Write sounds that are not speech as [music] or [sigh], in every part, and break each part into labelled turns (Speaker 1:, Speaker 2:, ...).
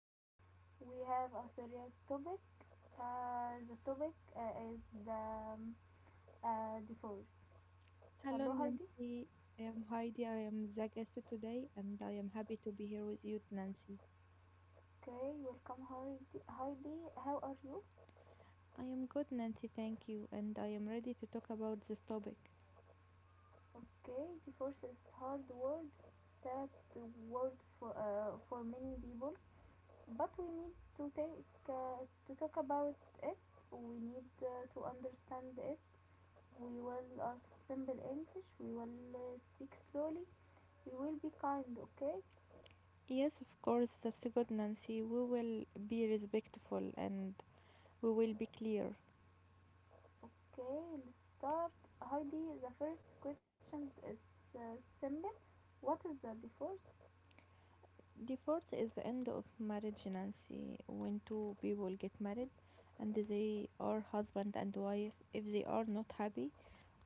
Speaker 1: day. We have a serious topic. The topic is the divorce.
Speaker 2: Hello,
Speaker 1: Hello Heidi.
Speaker 2: Nancy. I am Heidi. I am the guest today, and I am happy to be here with you, Nancy.
Speaker 1: Okay, welcome Heidi. Heidi, how are you?
Speaker 2: I am good, Nancy. Thank you. And I am ready to talk about this topic.
Speaker 1: Okay, divorce is hard word, sad word for many people, but we need to take to talk about it. We need to understand it. We will assemble English. We will speak slowly. We will be kind, okay?
Speaker 2: Yes, of course, that's good, Nancy. We will be respectful and we will be clear.
Speaker 1: Okay, let's start. Heidi, the first question is simple. What is the divorce?
Speaker 2: Divorce is the end of marriage, Nancy. When two people get married and they are husband and wife, if they are not happy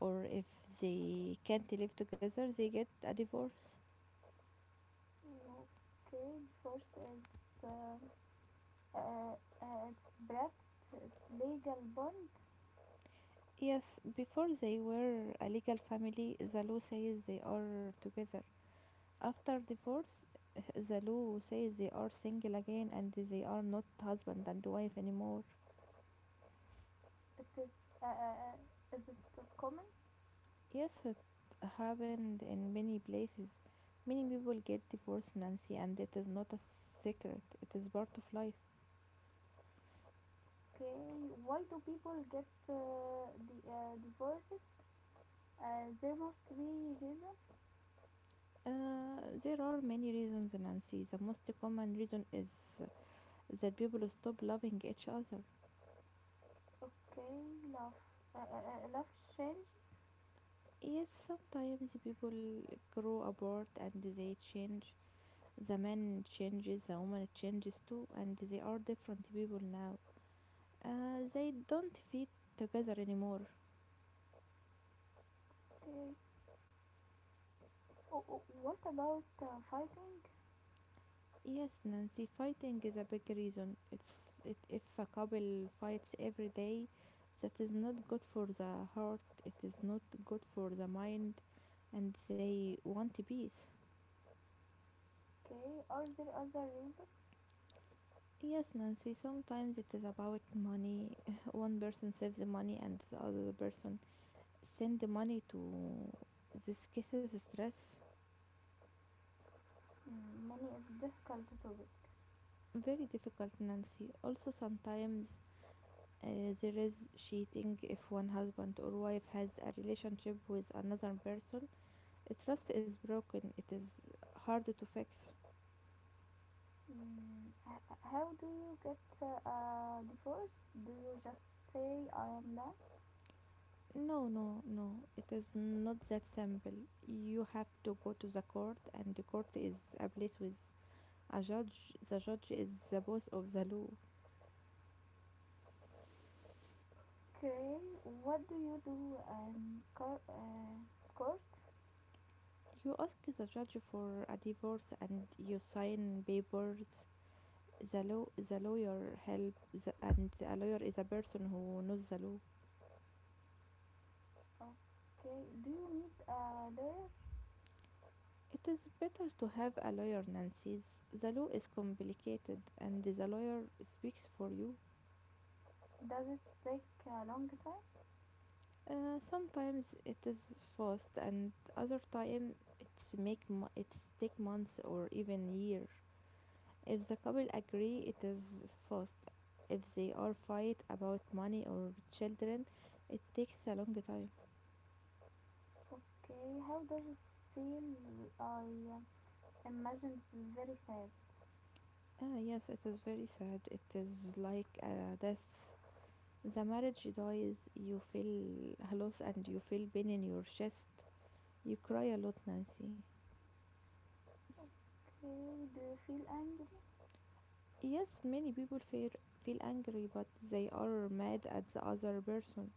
Speaker 2: or if they can't live together, they get a divorce.
Speaker 1: Okay, divorce is uh, uh, it's breath, it's legal bond.
Speaker 2: Yes, before they were a legal family, the law says they are together. After divorce, [laughs] the law says they are single again and they are not husband and wife anymore.
Speaker 1: It is it common?
Speaker 2: Yes, it happened in many places. Many people get divorced, Nancy, and it is not a secret, it is part of life.
Speaker 1: Okay, why do people get the divorced? There must be reason.
Speaker 2: There are many reasons, Nancy. The most common reason is that people stop loving each other.
Speaker 1: Okay, love, love challenges.
Speaker 2: Yes, sometimes people grow apart and they change. The man changes, the woman changes too, and they are different people now. They don't fit together anymore.
Speaker 1: Okay. Oh, what about fighting?
Speaker 2: Yes, Nancy, fighting is a big reason. If a couple fights every day, that is not good for the heart, it is not good for the mind, and they want peace.
Speaker 1: Okay. Are there other reasons?
Speaker 2: Yes, Nancy, sometimes it is about money. [laughs] One person saves the money and the other person send the money to this causes stress.
Speaker 1: Mm, money is difficult topic.
Speaker 2: Very difficult, Nancy. Also, sometimes uh, there is cheating if one husband or wife has a relationship with another person. Trust is broken. It is hard to fix.
Speaker 1: Mm, how do you get a divorce? Do you just say I am done?
Speaker 2: No, no, no. It is not that simple. You have to go to the court, and the court is a place with a judge. The judge is the boss of the law.
Speaker 1: Okay. What do you do in court?
Speaker 2: You ask the judge for a divorce and you sign papers. The law, the lawyer help, the, and a lawyer is a person who knows the law.
Speaker 1: Okay. Do you need a lawyer?
Speaker 2: It is better to have a lawyer, Nancy's. The law is complicated and the lawyer speaks for you.
Speaker 1: Does it take a long time?
Speaker 2: Sometimes it is fast and other time it's take months or even years. If the couple agree, it is fast. If they are fight about money or children, it takes a long time.
Speaker 1: Okay. How does it feel? I uh, Imagine it is very sad.
Speaker 2: Ah, yes, it is very sad. It is like death. The marriage dies, you feel a loss and you feel pain in your chest. You cry a lot, Nancy.
Speaker 1: Okay, do you feel angry?
Speaker 2: Yes, many people feel angry, but they are mad at the other person.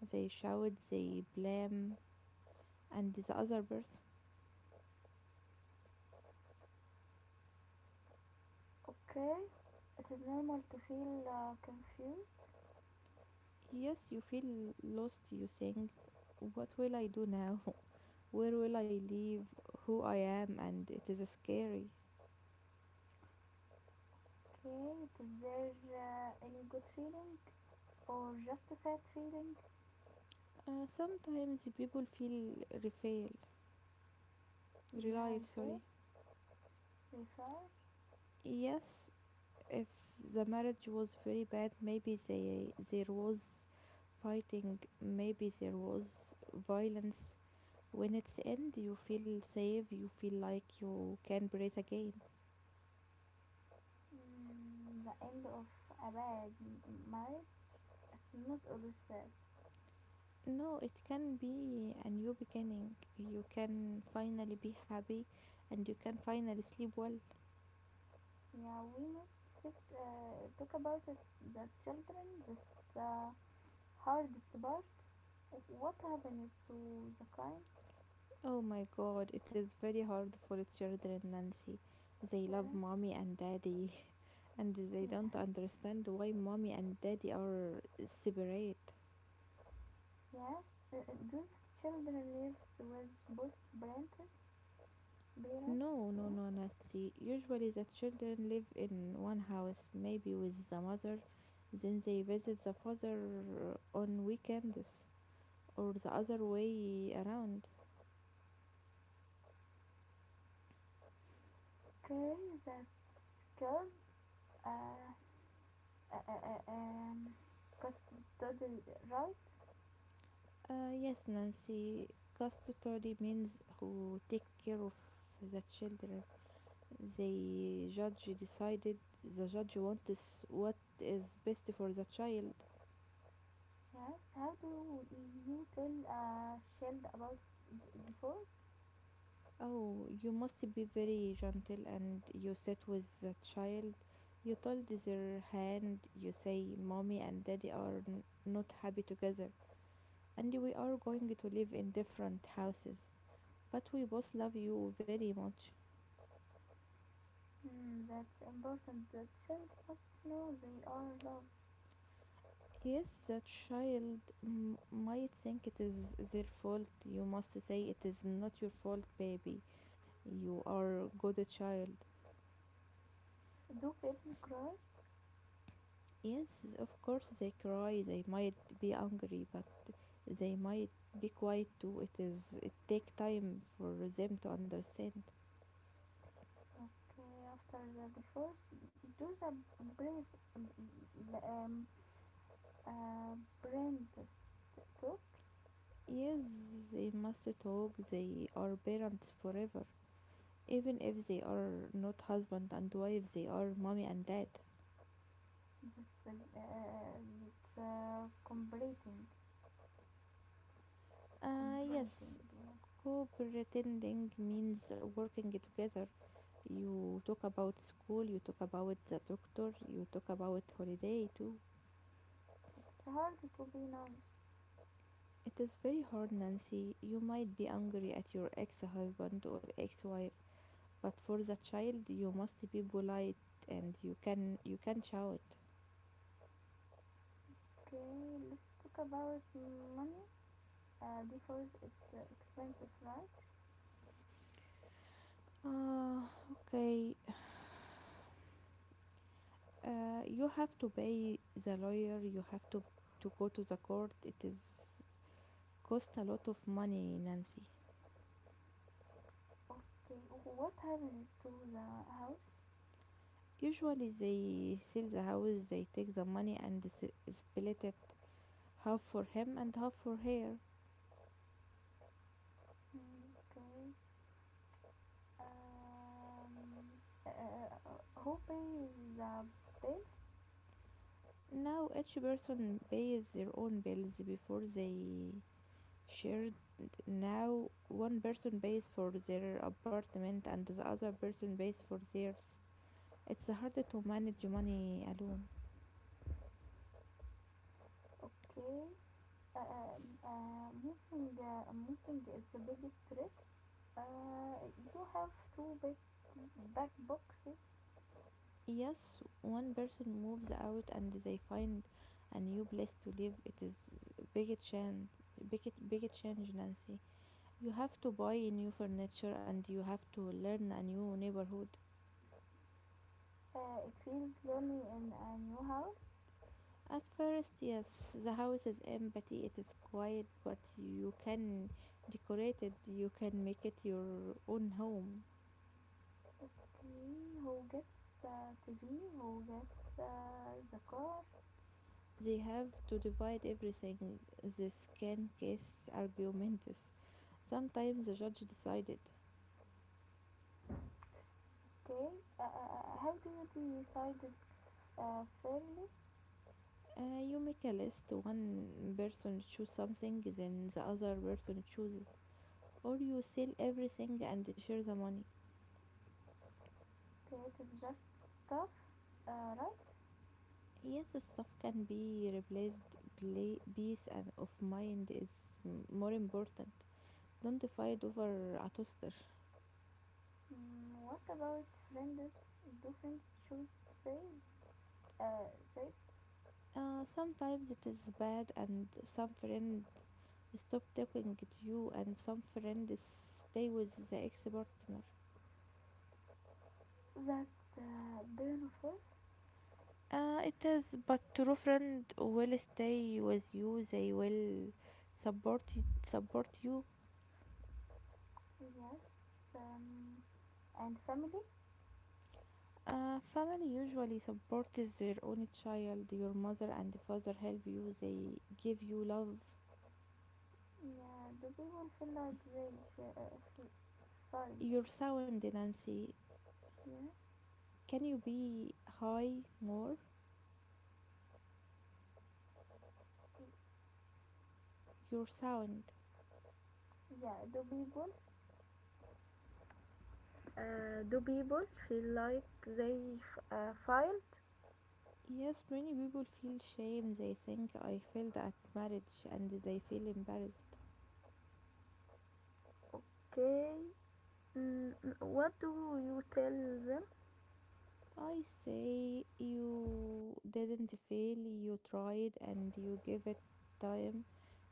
Speaker 2: They shout, they blame, and the other person.
Speaker 1: Okay, it is normal to feel confused.
Speaker 2: Yes, you feel lost. You think, what will I do now? [laughs] Where will I live? Who I am? And it is scary.
Speaker 1: Okay, is there any good feeling or just a sad feeling?
Speaker 2: Sometimes people feel relief,
Speaker 1: Yeah, I
Speaker 2: sorry.
Speaker 1: feel refer.
Speaker 2: Yes, if the marriage was very bad, there was fighting, maybe there was violence. When it's end, you feel safe, you feel like you can breathe again.
Speaker 1: Mm, the end of a bad marriage. It's not always sad.
Speaker 2: No, it can be a new beginning. You can finally be happy and you can finally sleep well.
Speaker 1: Yeah, we must talk about it. The children, this uh, hardest part. What happens to the kind?
Speaker 2: Oh my god, it is very hard for children, Nancy. They love
Speaker 1: Yes.
Speaker 2: mommy and daddy [laughs] and they
Speaker 1: Yes,
Speaker 2: don't understand why mommy and daddy are separate.
Speaker 1: uh, uh, those children lives with both parents. Parents,
Speaker 2: No, no,
Speaker 1: yeah.
Speaker 2: no, Nancy. Usually the children live in one house, maybe with the mother, then they visit the father on weekends or the other way around.
Speaker 1: Okay, that's good. Uh, uh, uh, uh, um, custodial right?
Speaker 2: Yes, Nancy, custody means who take care of the children. The judge decided, the judge wants what is best for the child.
Speaker 1: Yes. How do you tell a child about divorce?
Speaker 2: Oh, you must be very gentle and you sit with the child. You told their hand, you say, Mommy and Daddy are not happy together, and we are going to live in different houses. But we both love you very much.
Speaker 1: Hmm, that's important. The child must know they are loved.
Speaker 2: Yes, a child might think it is their fault. You must say it is not your fault, baby. You are good child.
Speaker 1: Do kids cry?
Speaker 2: Yes, of course they cry, they might be angry, but they might be quiet too. It take time for them to understand.
Speaker 1: Okay, after the divorce, do the brace um, apprentice talk,
Speaker 2: Yes, they must talk. They are parents forever. Even if they are not husband and wife, they are mommy and dad.
Speaker 1: that's combrating. Combrating,
Speaker 2: Yes,
Speaker 1: yeah.
Speaker 2: co-pretending means working together. You talk about school, you talk about the doctor, you talk about holiday too.
Speaker 1: It's hard to be nice.
Speaker 2: It is very hard, Nancy. You might be angry at your ex-husband or ex-wife, but for the child, you must be polite and you can shout.
Speaker 1: Okay, let's talk about money, because it's expensive, right?
Speaker 2: Ah, okay. [sighs] You have to pay the lawyer. You have To go to the court. It is cost a lot of money, Nancy.
Speaker 1: Okay, what happened to the house?
Speaker 2: Usually they sell the house, they take the money and split it, half for him and half for her.
Speaker 1: Okay. um, uh, who pays the bills?
Speaker 2: Now each person pays their own bills before they shared. Now one person pays for their apartment and the other person pays for theirs. It's harder to manage money alone.
Speaker 1: Okay. Moving is a big stress. Uh, you have two big back boxes.
Speaker 2: Yes, one person moves out and they find a new place to live. It is big change, big change, Nancy. You have to buy new furniture and you have to learn a new neighborhood.
Speaker 1: It feels lonely in a new house.
Speaker 2: At first, yes, the house is empty, it is quiet, but you can decorate it, you can make it your own home.
Speaker 1: Okay, who gets TV? Who gets the car?
Speaker 2: They have to divide everything. This can case arguments. Sometimes the judge decided.
Speaker 1: Okay, how do you decide it fairly?
Speaker 2: You make a list. One person choose something, then the other person chooses. Or you sell everything and share the money.
Speaker 1: Okay, it is just stuff, right?
Speaker 2: Yes, the stuff can be replaced. Play, peace and of mind is more important. Don't fight over a toaster.
Speaker 1: Mm, what about friends? Do friends choose sides? Uh, sides?
Speaker 2: Sometimes it is bad, and some friend stop talking to you, and some friends stay with the ex partner.
Speaker 1: That's beautiful.
Speaker 2: It is, but true friend will stay with you. They will support you, support you.
Speaker 1: Yes. Um, and family.
Speaker 2: Family usually supports their own child. Your mother and father help you. They give you love.
Speaker 1: Yeah. Do people feel like they j- uh, f- failed?
Speaker 2: Your sound, Nancy.
Speaker 1: Yeah.
Speaker 2: Can you be high more? Your sound.
Speaker 1: Yeah. Do people? Do people feel like they failed?
Speaker 2: Yes, many people feel shame. They think I failed at marriage and they feel embarrassed.
Speaker 1: Okay. What do you tell them?
Speaker 2: I say you didn't fail, you tried and you give it time.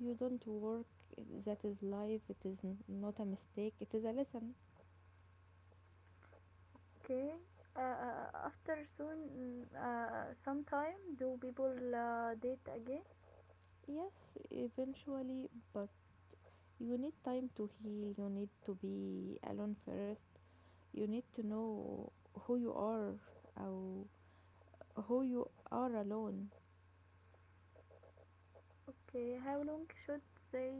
Speaker 2: You don't work, that is life, it is not a mistake, it is a lesson.
Speaker 1: Okay. After soon, mm, sometime, do people date again?
Speaker 2: Yes, eventually, but you need time to heal, you need to be alone first, you need to know who you are or who you are alone.
Speaker 1: Okay. How long should they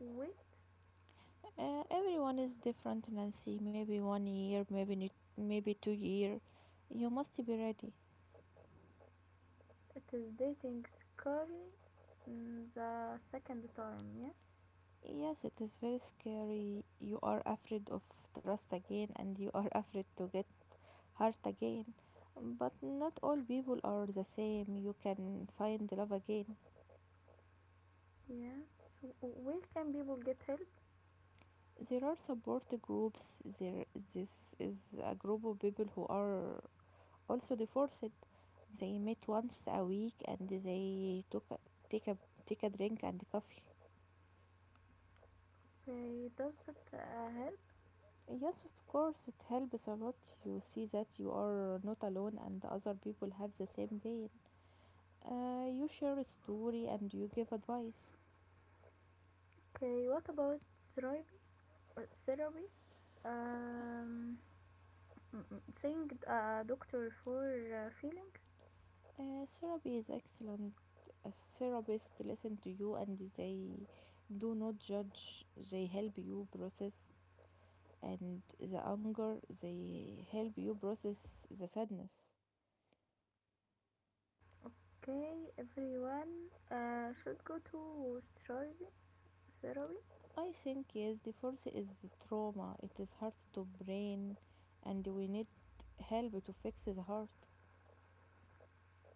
Speaker 1: wait?
Speaker 2: Everyone is different, Nancy. Maybe one year, maybe two year. You must be ready.
Speaker 1: It is dating scary, mm, the second time, yes?
Speaker 2: Yes, it is very scary. You are afraid of trust again and you are [laughs] afraid to get hurt again. But not all people are the same. You can find love again.
Speaker 1: Yes. Where can people get help?
Speaker 2: There are support groups. There this is a group of people who are also divorced. They meet once a week and they took a, take a take a drink and coffee.
Speaker 1: Okay, does it help?
Speaker 2: Yes, of course, it helps a lot. You see that you are not alone and other people have the same pain. You share a story and you give advice.
Speaker 1: Okay, what about therapy? Therapy? Um, think a doctor for feelings?
Speaker 2: Therapy is excellent. A therapist listen to you and they do not judge. They help you process and the anger. They help you process the sadness.
Speaker 1: Okay, everyone should go to therapy. Therapy?
Speaker 2: I think yes, the first is trauma. It is hard to brain, and we need help to fix the heart.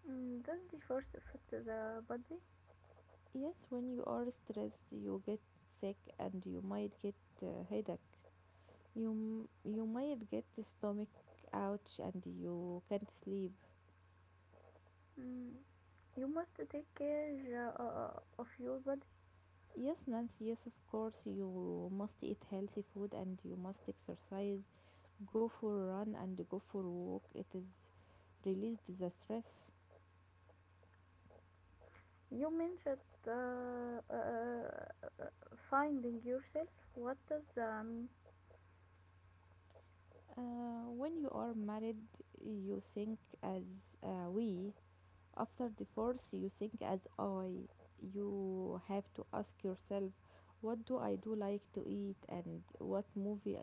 Speaker 1: Mm, does the first affect the body?
Speaker 2: Yes, when you are stressed, you get sick and you might get a headache. You might get stomach ouch and you can't sleep.
Speaker 1: Mm, you must take care of your body.
Speaker 2: Yes, Nancy, yes, of course. You must eat healthy food and you must exercise. Go for a run and go for a walk. It is released the stress.
Speaker 1: You mentioned uh, uh, uh, finding yourself. What does that mean?
Speaker 2: When you are married, you think as we. After divorce, you think as I. You have to ask yourself, what do I do like to eat and what movie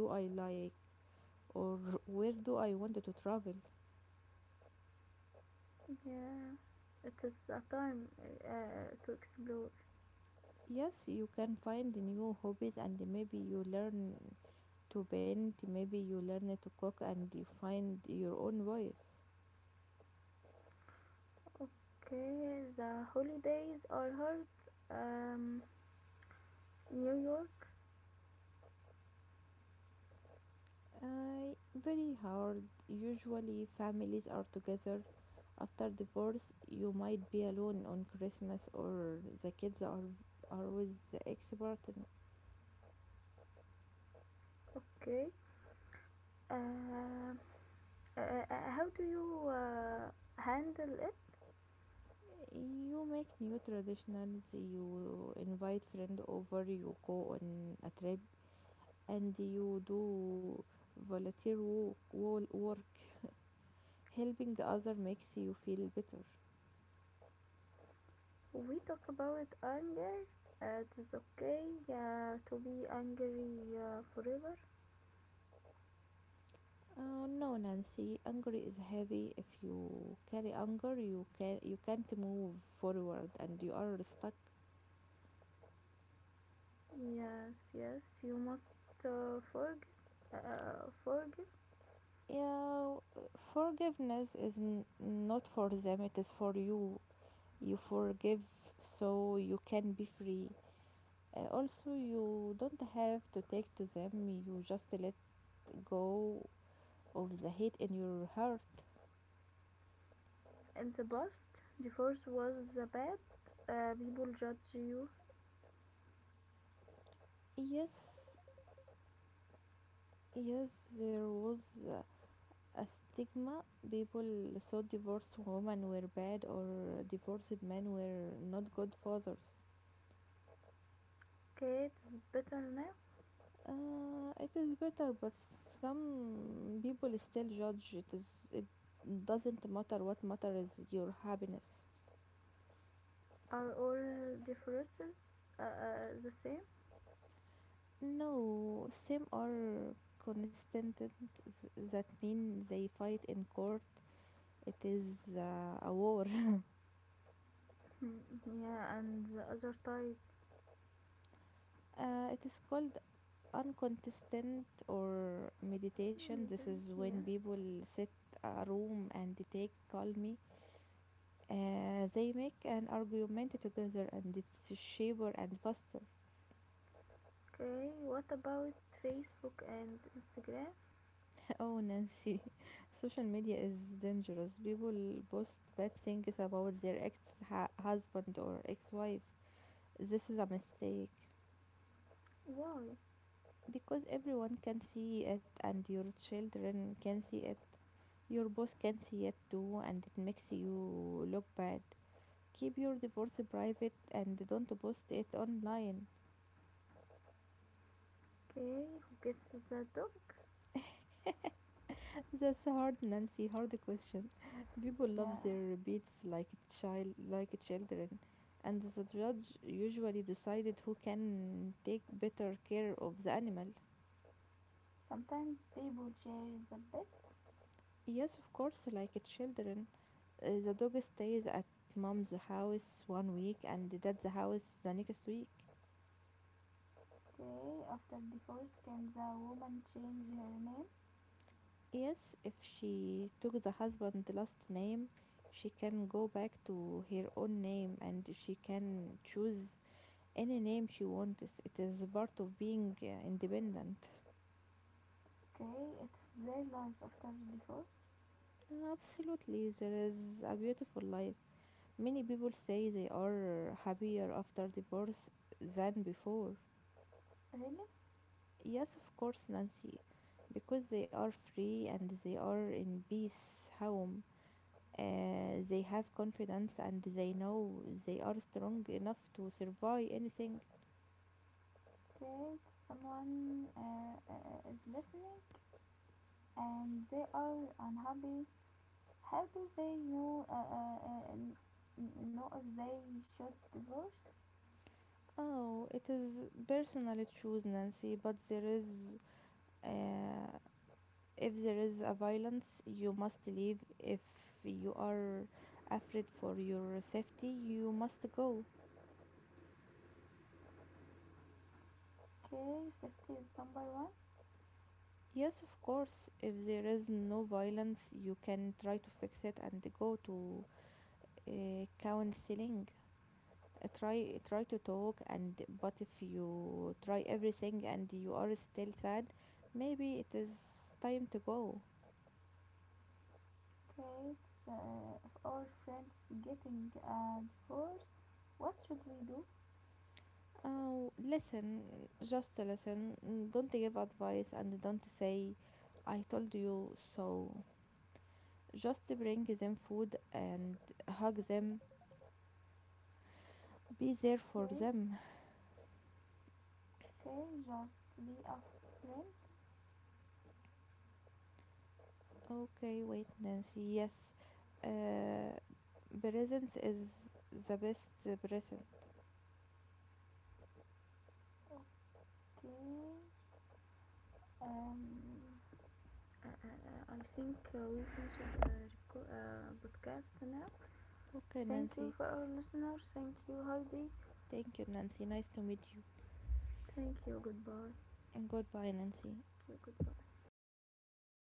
Speaker 2: do I like? Or where do I want to travel?
Speaker 1: Yeah, it is a time to explore.
Speaker 2: Yes, you can find new hobbies and maybe you learn to paint, maybe you learn to cook and you find your own voice.
Speaker 1: Okay, the holidays are hard. Um, New York.
Speaker 2: Very hard. Usually, families are together. After divorce, you might be alone on Christmas, or are with the ex partner.
Speaker 1: Okay. Uh, how do you handle it?
Speaker 2: You make new traditions, you invite friend over, you go on a trip, and you do volunteer work. Helping other makes you feel better.
Speaker 1: We talk about anger. It is okay to be angry forever.
Speaker 2: Oh no, Nancy, anger is heavy. If you carry anger, you can't move forward and you are stuck.
Speaker 1: Yes, yes, you must uh, forgive, forgive.
Speaker 2: Yeah, forgiveness is not for them, it is for you. You forgive so you can be free. Also, you don't have to take to them, you just let go of the hate in your heart.
Speaker 1: In the past, divorce was bad. People judge you.
Speaker 2: Yes, yes, there was uh, a stigma. People thought divorced women were bad or divorced men were not good fathers.
Speaker 1: Okay, it's better now.
Speaker 2: It is better, but some people still judge. It doesn't matter. What matters is your happiness.
Speaker 1: Are all differences the same?
Speaker 2: No, some are consistent. That mean they fight in court. It is a war. [laughs]
Speaker 1: Hmm, yeah, and the other type.
Speaker 2: It is called uncontested or meditation.
Speaker 1: Hmm,
Speaker 2: This
Speaker 1: then-
Speaker 2: is when
Speaker 1: Yes.
Speaker 2: people sit a room and they take calmly. They make an argument together and it's cheaper and faster.
Speaker 1: Okay, what about Facebook and Instagram?
Speaker 2: [laughs] Oh, Nancy, [laughs] social media is dangerous. People post bad things about their ex husband or ex wife. This is a mistake
Speaker 1: Why?
Speaker 2: because everyone can see it and your children can see it. Your boss can see it too, and it makes you look bad. Keep your divorce private and don't post it online.
Speaker 1: Okay, who gets the topic?
Speaker 2: [laughs] That's a hard, Nancy. Hard question. [laughs] People love
Speaker 1: Yeah,
Speaker 2: their beats like child, like children, and the judge usually decided who can take better care of the animal.
Speaker 1: sometimes people share the bit.
Speaker 2: Yes, of course, like children. The dog stays at mom's house one week and dad's house the next week.
Speaker 1: Okay, after divorce, can the woman change her name?
Speaker 2: Yes, if she took the husband last name, she can go back to her own name and she can choose any name she wants. It is part of being independent.
Speaker 1: Okay, it's their life after divorce.
Speaker 2: Absolutely, there is a beautiful life. Many people say they are happier after divorce than before.
Speaker 1: Really?
Speaker 2: Yes, of course, Nancy, because they are free and they are in peace home. They have confidence and they know they are strong enough to survive anything.
Speaker 1: Okay, someone is listening and they are unhappy. How do they know if they should divorce?
Speaker 2: Oh, it is personal choose, Nancy, but uh, if there is a violence, you must leave. If you are afraid for your safety, you must go.
Speaker 1: Okay, safety is number one.
Speaker 2: Yes, of course, if there is no violence, you can try to fix it and go to counseling, try to talk, and but if you try everything and you are still sad, maybe it is time to go.
Speaker 1: Okay, it's if our friends getting a divorce. What should we do?
Speaker 2: Oh, listen, just listen. Mm, don't give advice and don't say I told you so. Just bring them food and hug them, be there for
Speaker 1: Okay,
Speaker 2: them.
Speaker 1: okay, just be a friend.
Speaker 2: Okay, wait, Nancy. Yes, uh, presence is the best present.
Speaker 1: Okay. Um, I think we finished the podcast now.
Speaker 2: Okay,
Speaker 1: Thank
Speaker 2: Nancy.
Speaker 1: you for our listeners. Thank you, Heidi.
Speaker 2: Thank you, Nancy, nice to meet you.
Speaker 1: Thank you. Goodbye.
Speaker 2: Goodbye, Nancy.
Speaker 1: Thank you. Goodbye.